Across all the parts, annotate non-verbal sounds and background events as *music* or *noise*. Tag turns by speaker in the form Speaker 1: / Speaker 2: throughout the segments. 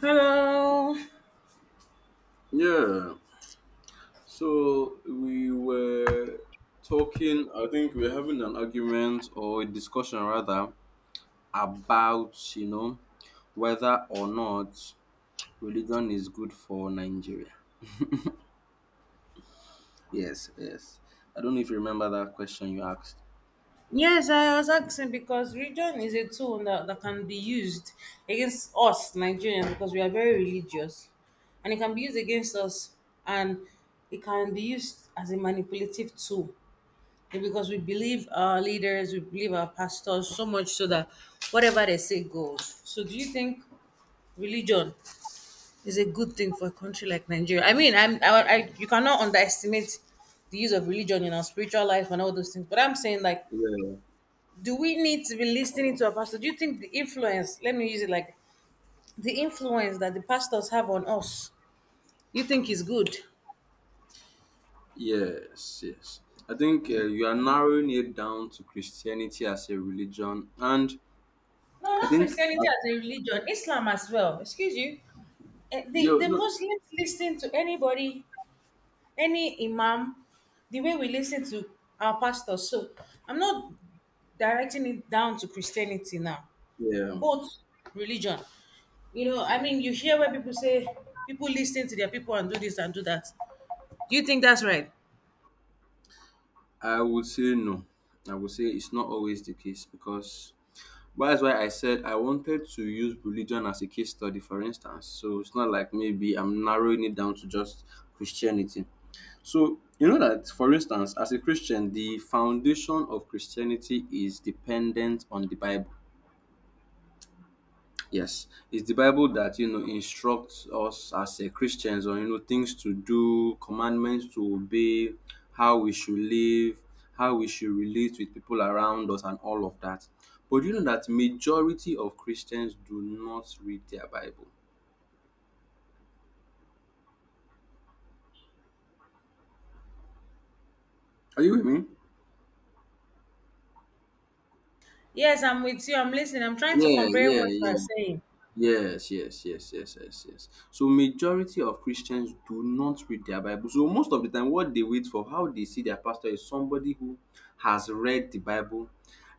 Speaker 1: Hello.
Speaker 2: Yeah. So we were talking, I think we are having an argument or a discussion rather about, you know, whether or not religion is good for Nigeria. *laughs* Yes, yes. I don't know if you remember that question you asked.
Speaker 1: Yes, I was asking because religion is a tool that can be used against us Nigerians because we are very religious. And it can be used against us, and it can be used as a manipulative tool because we believe our leaders, we believe our pastors, so much so that whatever they say goes. So do you think religion it's a good thing for a country like Nigeria? I mean, you cannot underestimate the use of religion in our spiritual life and all those things. But I'm saying, like,
Speaker 2: Yeah.
Speaker 1: do we need to be listening to a pastor? Do you think the influence, let me use it like, the influence that the pastors have on us, you think is good?
Speaker 2: Yes, yes. I think you are narrowing it down to Christianity as a religion, and
Speaker 1: No,
Speaker 2: I
Speaker 1: not
Speaker 2: think
Speaker 1: Christianity as a religion, Islam as well. Excuse you. The
Speaker 2: you
Speaker 1: Muslims listen to anybody, any imam, the way we listen to our pastors. So I'm not directing it down to Christianity now,
Speaker 2: no,
Speaker 1: both religion. You know,
Speaker 2: yeah.
Speaker 1: I mean, you hear where people say people listen to their people and do this and do that. Do you think that's right?
Speaker 2: I would say no. I would say it's not always the case because but that's why I said I wanted to use religion as a case study, for instance. So it's not like maybe I'm narrowing it down to just Christianity. So you know that, for instance, as a Christian, the foundation of Christianity is dependent on the Bible. Yes, it's the Bible that you know instructs us as a Christians on you know things to do, commandments to obey, how we should live, how we should relate with people around us, and all of that. But you know that majority of Christians do not read their Bible. Are you with me?
Speaker 1: Yes, I'm with you. I'm listening. I'm trying to
Speaker 2: Yeah,
Speaker 1: comprehend
Speaker 2: yeah,
Speaker 1: what you are
Speaker 2: yeah.
Speaker 1: saying.
Speaker 2: Yes, yes, yes, yes, yes, yes. So majority of Christians do not read their Bible. So most of the time, what they wait for, how they see their pastor is somebody who has read the Bible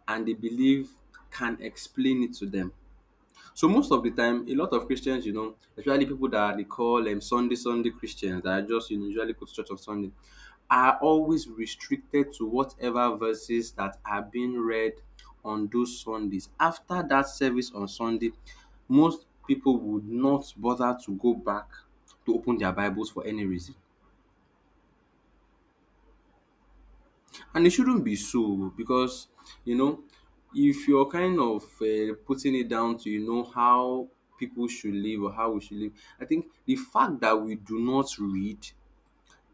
Speaker 2: and they believe can explain it to them. So most of the time, a lot of Christians, you know, especially people that they call Sunday Christians that are just you know, usually go to church on Sunday, are always restricted to whatever verses that are being read on those Sundays. After that service on Sunday, most people would not bother to go back to open their Bibles for any reason. And it shouldn't be so because, you know, if you're kind of putting it down to, you know, how people should live or how we should live, I think the fact that we do not read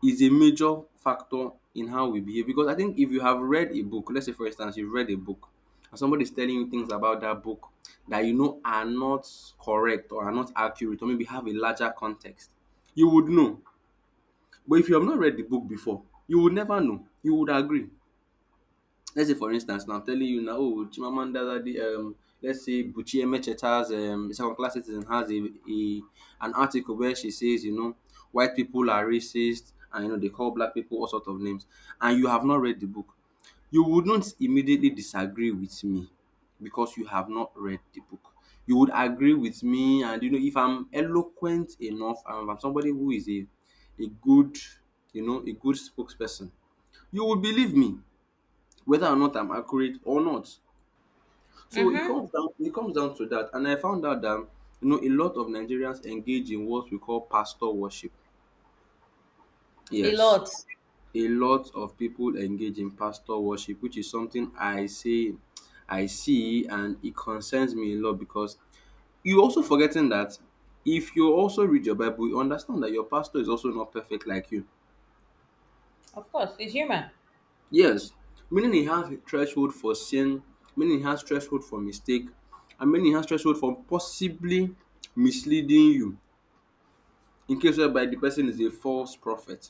Speaker 2: is a major factor in how we behave. Because I think if you have read a book, let's say for instance, you've read a book and somebody's telling you things about that book that you know are not correct or are not accurate or maybe have a larger context, you would know. But if you have not read the book before, you would never know. You would agree. Let's say for instance now I'm telling you now, oh, Chimamanda Adichie, let's say Buchi Emechieta's second class citizen has a an article where she says, you know, white people are racist and you know they call black people all sorts of names, and you have not read the book, you wouldn't immediately disagree with me because you have not read the book, you would agree with me. And you know, if I'm eloquent enough and if I'm somebody who is a good, you know, a good spokesperson, you would believe me, whether or not I'm accurate or not. So
Speaker 1: Mm-hmm.
Speaker 2: it comes down to that. And I found out that you know a lot of Nigerians engage in what we call pastor worship.
Speaker 1: A
Speaker 2: Yes.
Speaker 1: lot.
Speaker 2: A lot of people engage in pastor worship, which is something I say I see and it concerns me a lot because you also forgetting that if you also read your Bible, you understand that your pastor is also not perfect like you.
Speaker 1: Of course, he's human.
Speaker 2: Yes, meaning it has a threshold for sin, meaning it has threshold for mistake, and meaning it has threshold for possibly misleading you in case whereby the person is a false prophet.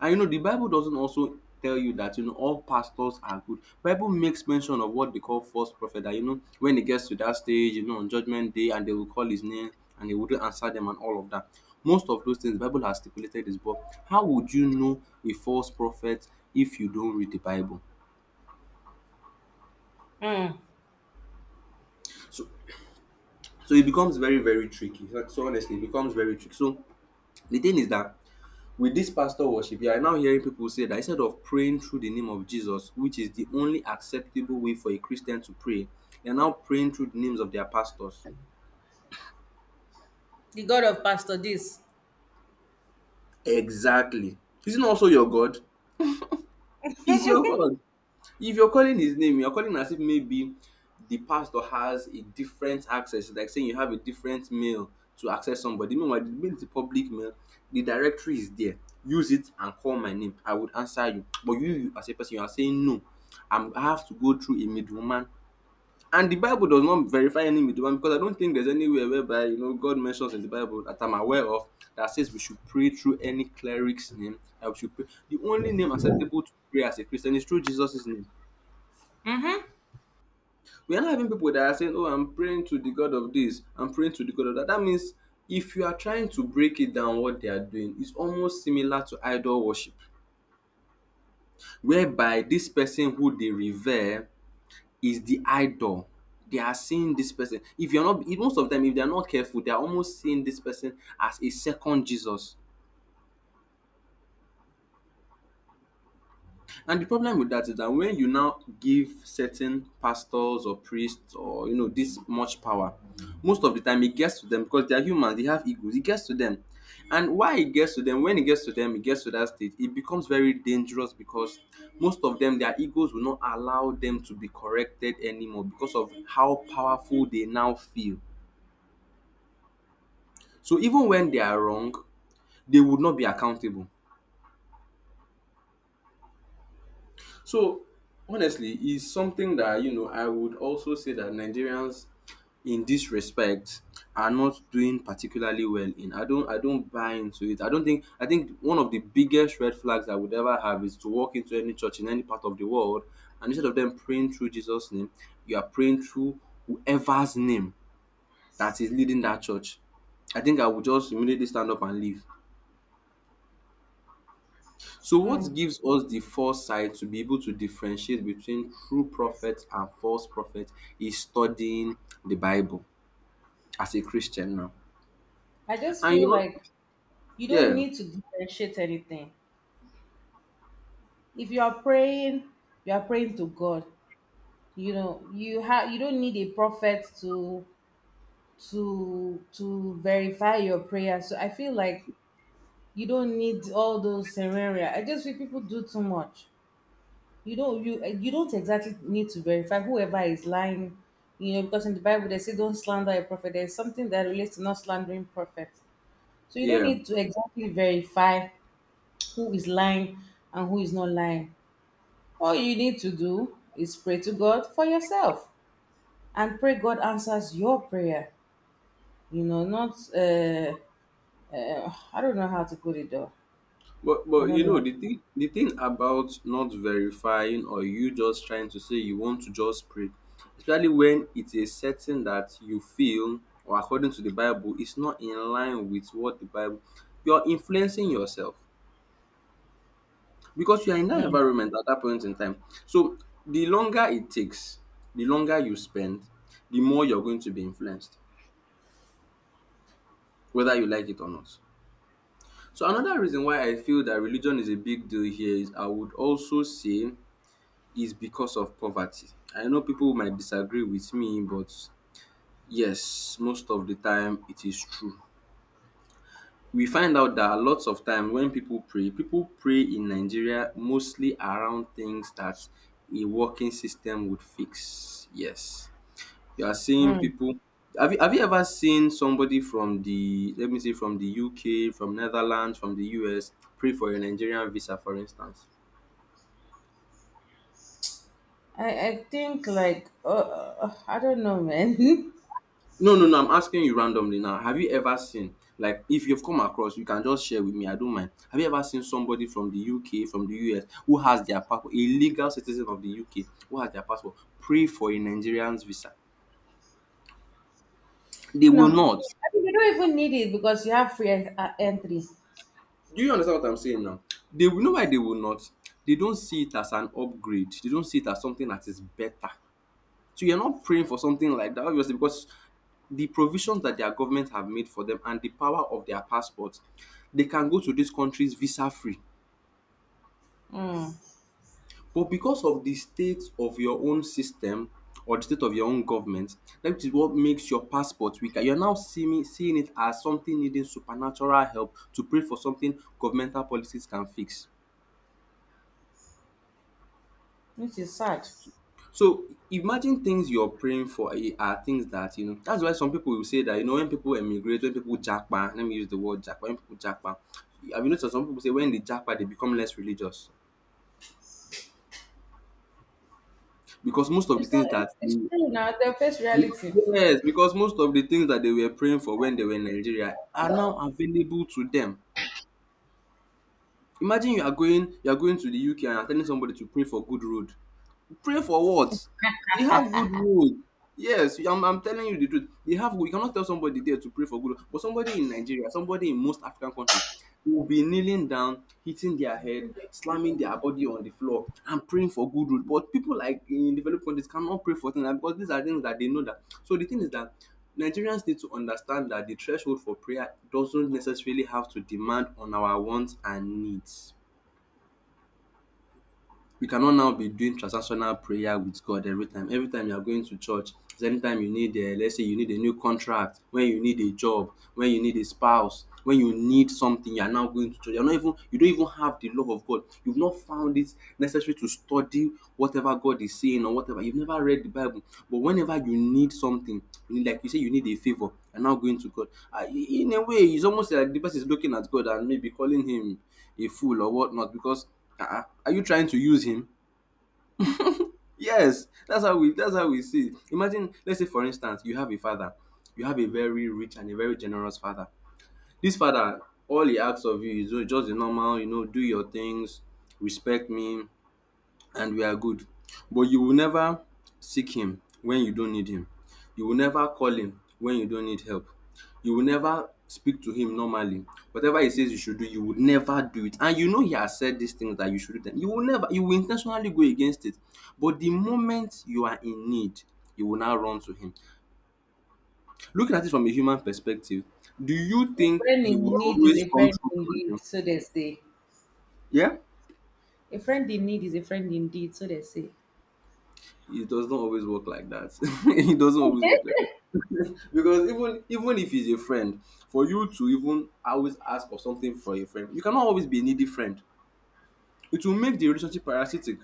Speaker 2: And you know, the Bible doesn't also tell you that you know all pastors are good. Bible makes mention of what they call false prophet. That you know, when it gets to that stage, you know, on judgment day, and they will call his name and he wouldn't answer them and all of that. Most of those things Bible has stipulated is but how would you know a false prophet if you don't read the Bible?
Speaker 1: Mm.
Speaker 2: So So it becomes very, very tricky. So, so honestly, it becomes very tricky. So the thing is that with this pastor worship, you are now hearing people say that instead of praying through the name of Jesus, which is the only acceptable way for a Christian to pray, they are now praying through the names of their pastors.
Speaker 1: The God of Pastor this.
Speaker 2: Exactly. Isn't also your God? He's your God. If you're calling his name, you're calling as if maybe the pastor has a different access, like saying you have a different mail to access somebody. Meanwhile, the mail is a public mail, the directory is there. Use it and call my name. I would answer you. But you as a person, you are saying no. I have to go through a middleman. And the Bible does not verify any middleman because I don't think there's anywhere whereby you know God mentions in the Bible that I'm aware of that says we should pray through any cleric's name. That we should pray. The only name acceptable to pray as a Christian is through Jesus' name.
Speaker 1: Mm-hmm.
Speaker 2: We are not having people that are saying, oh, I'm praying to the God of this, I'm praying to the God of that. That means if you are trying to break it down, what they are doing is almost similar to idol worship, whereby this person who they revere is the idol. They are seeing this person. If you're not, if most of them, if they're not careful, they're almost seeing this person as a second Jesus. And the problem with that is that when you now give certain pastors or priests or you know this much power, most of the time it gets to them because they are humans. They have egos, it gets to them. And why it gets to them, when it gets to them, it gets to that state, it becomes very dangerous because most of them, their egos will not allow them to be corrected anymore because of how powerful they now feel. So even when they are wrong, they would not be accountable. So honestly, it's something that you know I would also say that Nigerians in this respect are not doing particularly well in. I don't buy into it. I don't think I think one of the biggest red flags I would ever have is to walk into any church in any part of the world and instead of them praying through Jesus' name, you are praying through whoever's name that is leading that church. I think I would just immediately stand up and leave. So, what gives us the foresight to be able to differentiate between true prophets and false prophets is studying the Bible as a Christian now.
Speaker 1: I just
Speaker 2: And
Speaker 1: feel
Speaker 2: you
Speaker 1: like you don't
Speaker 2: Yeah,
Speaker 1: need to differentiate anything. If you are praying, you are praying to God. You know, you have, you don't need a prophet to to verify your prayer. So I feel like you don't need all those scenario. I just feel people do too much. You you don't exactly need to verify whoever is lying, you know, because in the Bible they say don't slander a prophet. There's something that relates to not slandering prophets, so you don't
Speaker 2: yeah.
Speaker 1: need to exactly verify who is lying and who is not lying. All you need to do is pray to God for yourself and pray God answers your prayer. You know, not, I don't know how to put it though.
Speaker 2: But
Speaker 1: I
Speaker 2: but you
Speaker 1: don't
Speaker 2: know
Speaker 1: know.
Speaker 2: the thing about not verifying or you just trying to say you want to just pray, especially when it's a setting that you feel or according to the Bible is not in line with what the Bible you're influencing yourself because you are in that
Speaker 1: Mm,
Speaker 2: environment at that point in time. So the longer it takes, the longer you spend, the more you're going to be influenced, whether you like it or not. So another reason why I feel that religion is a big deal here is I would also say is because of poverty. I know people might disagree with me, but yes, most of the time it is true. We find out that lots of time when people pray in Nigeria mostly around things that a working system would fix. Yes, you are seeing
Speaker 1: mm.
Speaker 2: people have you ever seen somebody from the let me say from the UK, from Netherlands, from the US pray for a Nigerian visa for instance?
Speaker 1: I think like, I don't know, man. *laughs*
Speaker 2: No, no, no, I'm asking you randomly now. Have you ever seen like if you've come across you can just share with me, I don't mind. Have you ever seen somebody from the UK, from the US who has their passport, a legal citizen of the UK who has their passport pray for a Nigerian's visa? They
Speaker 1: No,
Speaker 2: will not.
Speaker 1: I mean, you don't even need it because you have entry,
Speaker 2: Do you understand what I'm saying now? They will know why they will not. They don't see it as an upgrade. They don't see it as something that is better. So you're not praying for something like that, obviously, because the provisions that their government have made for them and the power of their passports, they can go to these countries visa free.
Speaker 1: mm,
Speaker 2: But because of the state of your own system or the state of your own government, that is what makes your passport weaker. You're now seeing, it as something needing supernatural help to pray for something governmental policies can fix.
Speaker 1: which is sad.
Speaker 2: So imagine things you're praying for are things that you know. That's why some people will say that you know when people emigrate, when people japa, let me use the word japa, when people japa, have you noticed some people say when they japa they become less religious? Because most of the
Speaker 1: It's not,
Speaker 2: things that
Speaker 1: it's
Speaker 2: they,
Speaker 1: true now. The first reality.
Speaker 2: yes, because most of the things that they were praying for when they were in Nigeria are now available to them. Imagine you are going to the UK and you're telling somebody to pray for good road. Pray for what? They have good road. Yes, I'm telling you the truth. They have good. You cannot tell somebody there to pray for good road, but somebody in Nigeria, somebody in most African countries, will be kneeling down, hitting their head, slamming their body on the floor, and praying for good road. But people like in developed countries cannot pray for things because these are things that they know that. So the thing is that Nigerians need to understand that the threshold for prayer doesn't necessarily have to demand on our wants and needs. We cannot now be doing transactional prayer with God every time. Every time you are going to church is anytime you need, let's say you need a new contract, when you need a job, when you need a spouse, when you need something, you are now going to church. You don't even have the love of God. You've not found it necessary to study whatever God is saying or whatever. You've never read the Bible. But whenever you need something, you need a favour, you're now going to God. Ah, in a way, it's almost like the person is looking at God and maybe calling him a fool or whatnot, because ah ah, are you trying to use him? Yes, that's how we see it. Imagine, let's say for instance, you have a father, you have a very rich and a very generous father. This father, all he asks of you is just the normal, you know, do your things, respect me, and we are good. But you will never seek Him when you don't need Him. You will never call Him when you don't need help. You will never speak to Him normally. Whatever He says you should do, you would never do it. And you know He has said these things that you should do them. You will never, you will intentionally go against it. But the moment you are in need, you will now run to Him. Looking at it from a human perspective, do you
Speaker 1: A
Speaker 2: think
Speaker 1: friend
Speaker 2: He will
Speaker 1: in need is
Speaker 2: always
Speaker 1: a
Speaker 2: come
Speaker 1: friend
Speaker 2: through for
Speaker 1: indeed,
Speaker 2: you?
Speaker 1: so they say.
Speaker 2: Yeah?
Speaker 1: A friend in need is a friend indeed, so they say.
Speaker 2: It does not always work like that. *laughs* It doesn't always work like that. *laughs* Because even if he's a friend, for you to even always ask for something for a friend, you cannot always be a needy friend. It will make the relationship parasitic.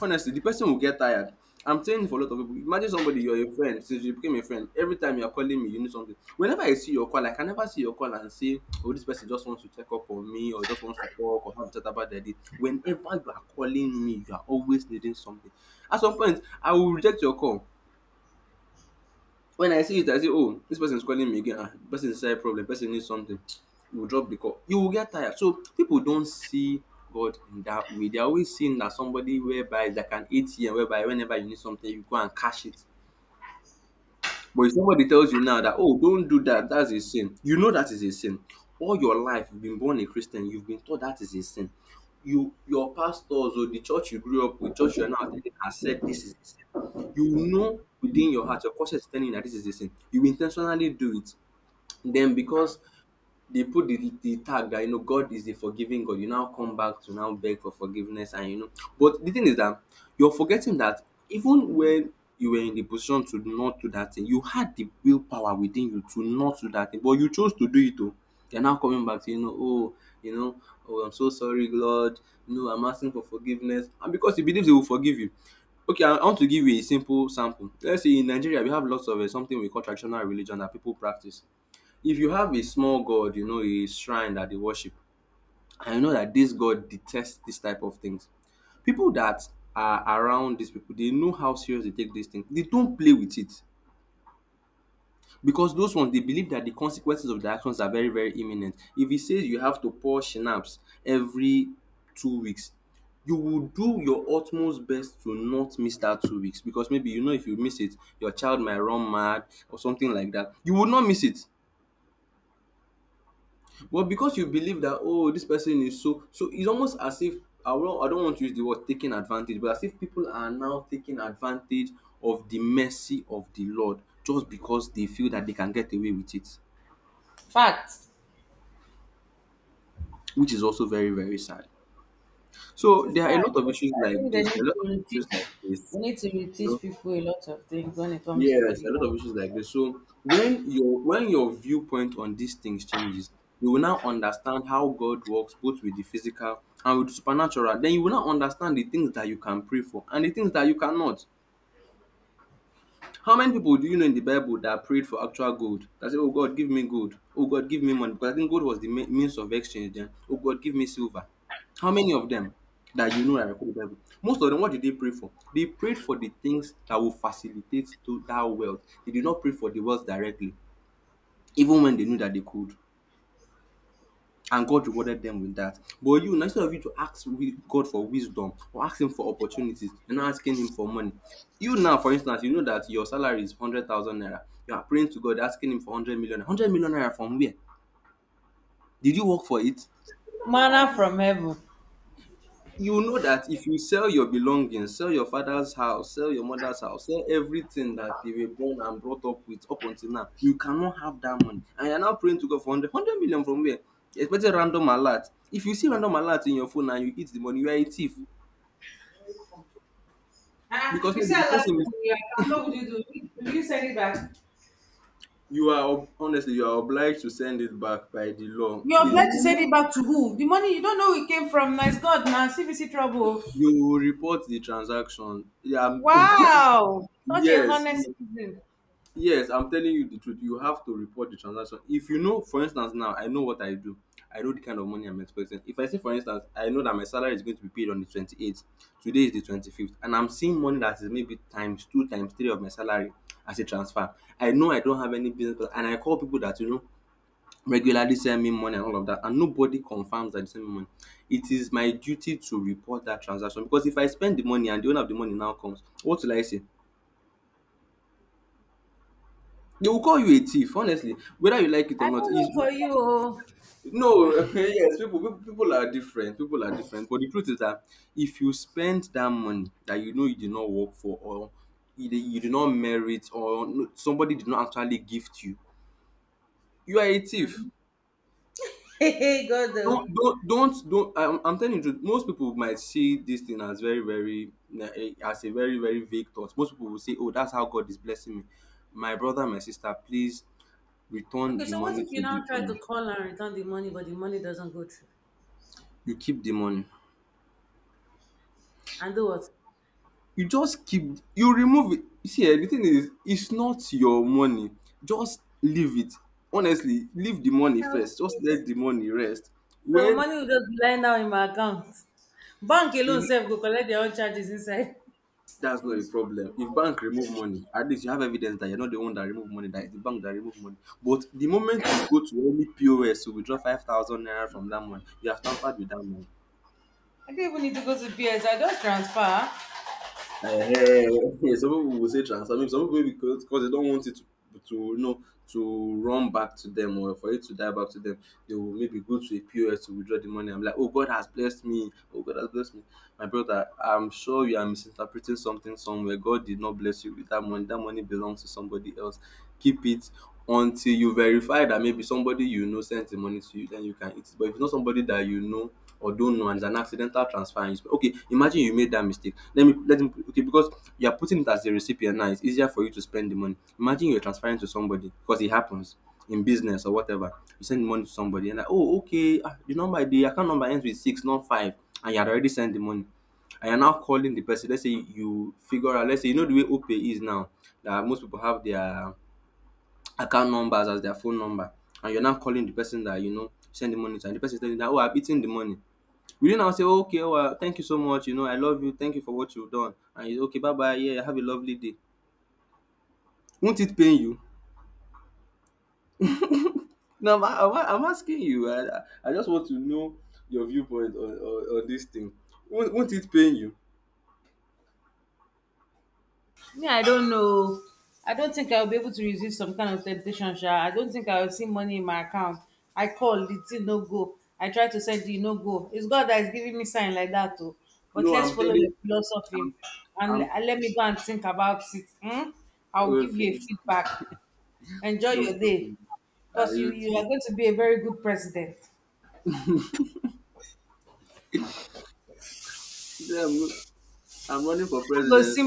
Speaker 2: Honestly, the person will get tired. I'm saying for a lot of people, imagine somebody you're a friend, since you became a friend, every time you're calling me, you need something. Whenever I see your call, like, I can never see your call and say, "Oh, this person just wants to check up on me, or just wants to talk, or have a chat about their day." Whenever you are calling me, you are always needing something. At some point, I will reject your call. When I see it, I say, oh, this person is calling me again. Ah, person is inside problem. Person needs something. You will drop the call. You will get tired. So people don't see God in that way. They're always seeing that somebody whereby it's like an ATM whereby whenever you need something, you go and cash it. But if somebody tells you now that, "Oh, don't do that, that's a sin," you know that is a sin. All your life you've been born a Christian, you've been taught that is a sin. Your pastors or the church you grew up with, church you're now attending, has said this is a sin. You know within your heart, your conscience is telling you that this is a sin. You intentionally do it. Then because they put the tag that you know God is a forgiving God, you now come back to now beg for forgiveness and you know. But the thing is that you're forgetting that even when you were in the position to not do that thing, you had the willpower within you to not do that thing, but you chose to do it though. You're now coming back to, you know, oh, I'm so sorry, Lord. No, I'm asking for forgiveness, and because He believes, He will forgive you. Okay, I want to give you a simple sample. Let's say in Nigeria, we have lots of, something we call traditional religion that people practice. If you have a small god, you know, a shrine that they worship, and you know that this god detests this type of things, people that are around these people, they know how serious they take this thing. They don't play with it. Because those ones, they believe that the consequences of their actions are very, very imminent. If he says you have to pour schnapps every 2 weeks, you will do your utmost best to not miss that 2 weeks, because maybe you know if you miss it, your child might run mad or something like that. You will not miss it. Well, because you believe that, oh, this person is so, so it's almost as if, I don't want to use the word taking advantage, but as if people are now taking advantage of the mercy of the Lord, just because they feel that they can get away with it,
Speaker 1: Facts.
Speaker 2: which is also very, very sad.
Speaker 1: It
Speaker 2: So
Speaker 1: is
Speaker 2: there are a
Speaker 1: sad.
Speaker 2: lot of issues
Speaker 1: I
Speaker 2: like
Speaker 1: think they
Speaker 2: this, there are a
Speaker 1: need
Speaker 2: lot
Speaker 1: to
Speaker 2: of issues like
Speaker 1: reteach.
Speaker 2: this.
Speaker 1: We need to
Speaker 2: You
Speaker 1: reteach
Speaker 2: know,
Speaker 1: people a lot of things when it comes to
Speaker 2: yes, a
Speaker 1: religion.
Speaker 2: lot of issues like this. So when your viewpoint on these things changes, you will now understand how God works, both with the physical and with the supernatural. Then you will now understand the things that you can pray for and the things that you cannot. How many people do you know in the Bible that prayed for actual gold? That said, Oh God, give me gold. Oh God, give me money. Because I think gold was the means of exchange then. Oh God, give me silver. How many of them that you know are recorded in the Bible? Most of them, what did they pray for? They prayed for the things that will facilitate to that wealth. They did not pray for the wealth directly, even when they knew that they could, and God rewarded them with that. But you, now, instead of you to ask God for wisdom or ask Him for opportunities, you're not asking Him for money. You now, for instance, you know that your salary is 100,000 naira. You are praying to God, asking Him for 100 million. 100 million naira from where? Did you work for it?
Speaker 1: Manna from heaven.
Speaker 2: You know that if you sell your belongings, sell your father's house, sell your mother's house, sell everything that they were born and brought up with up until now, you cannot have that money. And you're now praying to God for 100, from where? Expecting random alert. If you see random alert in your phone and you eat the money, you are a thief.
Speaker 1: Ah, if
Speaker 2: Because
Speaker 1: you
Speaker 2: maybe the
Speaker 1: sell last
Speaker 2: person
Speaker 1: time in what would you do? Will you send it back?
Speaker 2: you are honestly, you are obliged to send it back by the law.
Speaker 1: You're
Speaker 2: Please,
Speaker 1: glad to send it back to who? The money you don't know it came from. Nice God, man. CBC trouble.
Speaker 2: you will report the transaction. Yeah,
Speaker 1: Wow. Such a
Speaker 2: *laughs* yes,
Speaker 1: honest citizen.
Speaker 2: yes, I'm telling you the truth. You have to report the transaction. If you know, for instance, now, I know what I do. I know the kind of money I'm expecting. If I say, for instance, I know that my salary is going to be paid on the 28th, today is the 25th, and I'm seeing money that is maybe times two, times three of my salary as a transfer, I know I don't have any business, plan, and I call people that, you know, regularly send me money and all of that, and nobody confirms that they send me money. It is my duty to report that transaction, because if I spend the money and the owner of the money now comes, what will I say? They will call you a thief, honestly, whether you like it or
Speaker 1: I
Speaker 2: not.
Speaker 1: don't
Speaker 2: Is
Speaker 1: know for you. Oh.
Speaker 2: no, *laughs* yes, people, people are different. People are different. But the truth is that if you spend that money that you know you did not work for, or you did not merit, or somebody did not actually gift you, you are a thief.
Speaker 1: Mhm. *laughs* Hey, hey, God. Oh.
Speaker 2: Don't. I'm telling you the truth, most people might see this thing as very, very, as a very, very vague thought. Most people will say, "Oh, that's how God is blessing me." My brother, my sister, please return
Speaker 1: Okay,
Speaker 2: the
Speaker 1: so what
Speaker 2: money
Speaker 1: if you
Speaker 2: to the
Speaker 1: now try
Speaker 2: owner.
Speaker 1: to call and return the money, but the money doesn't go through?
Speaker 2: You keep the money.
Speaker 1: And do what?
Speaker 2: You just keep you remove it. You see, the thing is, it's not your money. Just leave it. Honestly, leave the money
Speaker 1: Okay,
Speaker 2: first. Just let the money rest.
Speaker 1: so
Speaker 2: When
Speaker 1: money will just be lying down in my account. Bank alone
Speaker 2: you
Speaker 1: self go collect their own charges inside.
Speaker 2: That's not a problem. If bank remove money, at least you have evidence that you're not the one that remove money, that it's the bank that remove money. But the moment you go to any POS to withdraw 5,000 naira from that money, you have tampered with that money.
Speaker 1: I don't even need to go to PS. I just transfer.
Speaker 2: Eh, yeah, some people will say transfer. Maybe some people maybe because they don't want it to, you know, to run back to them or for it to die back to them. They will maybe go to a POS to withdraw the money. I'm like, oh God has blessed me. Oh God has blessed me. My brother, I'm sure you are misinterpreting something somewhere. God did not bless you with that money. That money belongs to somebody else. Keep it until you verify that maybe somebody you know sent the money to you, then you can eat it. But if it's not somebody that you know or don't know, and it's an accidental transfer and you spend, okay, imagine you made that mistake. Let me Okay, because you are putting it as the recipient now, it's easier for you to spend the money. Imagine you're transferring to somebody because it happens in business or whatever. You send money to somebody and like, oh okay, ah, the account number ends with six, not five, and you had already sent the money, and you're now calling the person. Let's say you figure out, let's say you know the way OPay is now, that most people have their account numbers as their phone number, and you're now calling the person that you know send the money to, and the person is telling you that, oh, I've eaten the money. Will you now say, oh, okay, well thank you so much, you know I love you, thank you for what you've done, and you say okay, bye bye, yeah, have a lovely day. Won't it pain you? No, I'm asking you. I I just want to know your viewpoint on, on this thing. Won't it pain you?
Speaker 1: Me, I don't know. I don't think I'll be able to resist some kind of temptation, Sha. I don't think I'll see money in my account. I call, the thing no go. I try to send it, no go. It's God that is giving me sign like that, too. But
Speaker 2: No,
Speaker 1: let's
Speaker 2: I'm
Speaker 1: follow your
Speaker 2: telling.
Speaker 1: philosophy
Speaker 2: I'm,
Speaker 1: and
Speaker 2: I'm
Speaker 1: let me go and think about it. Hmm? I'll give
Speaker 2: Okay,
Speaker 1: you a feedback. Enjoy
Speaker 2: no
Speaker 1: your day.
Speaker 2: problem. Are
Speaker 1: Because you,
Speaker 2: you
Speaker 1: you
Speaker 2: too?
Speaker 1: are going to be a very good president.
Speaker 2: He said, I'm, I'm running for
Speaker 1: *laughs*
Speaker 2: presidency.
Speaker 1: Let's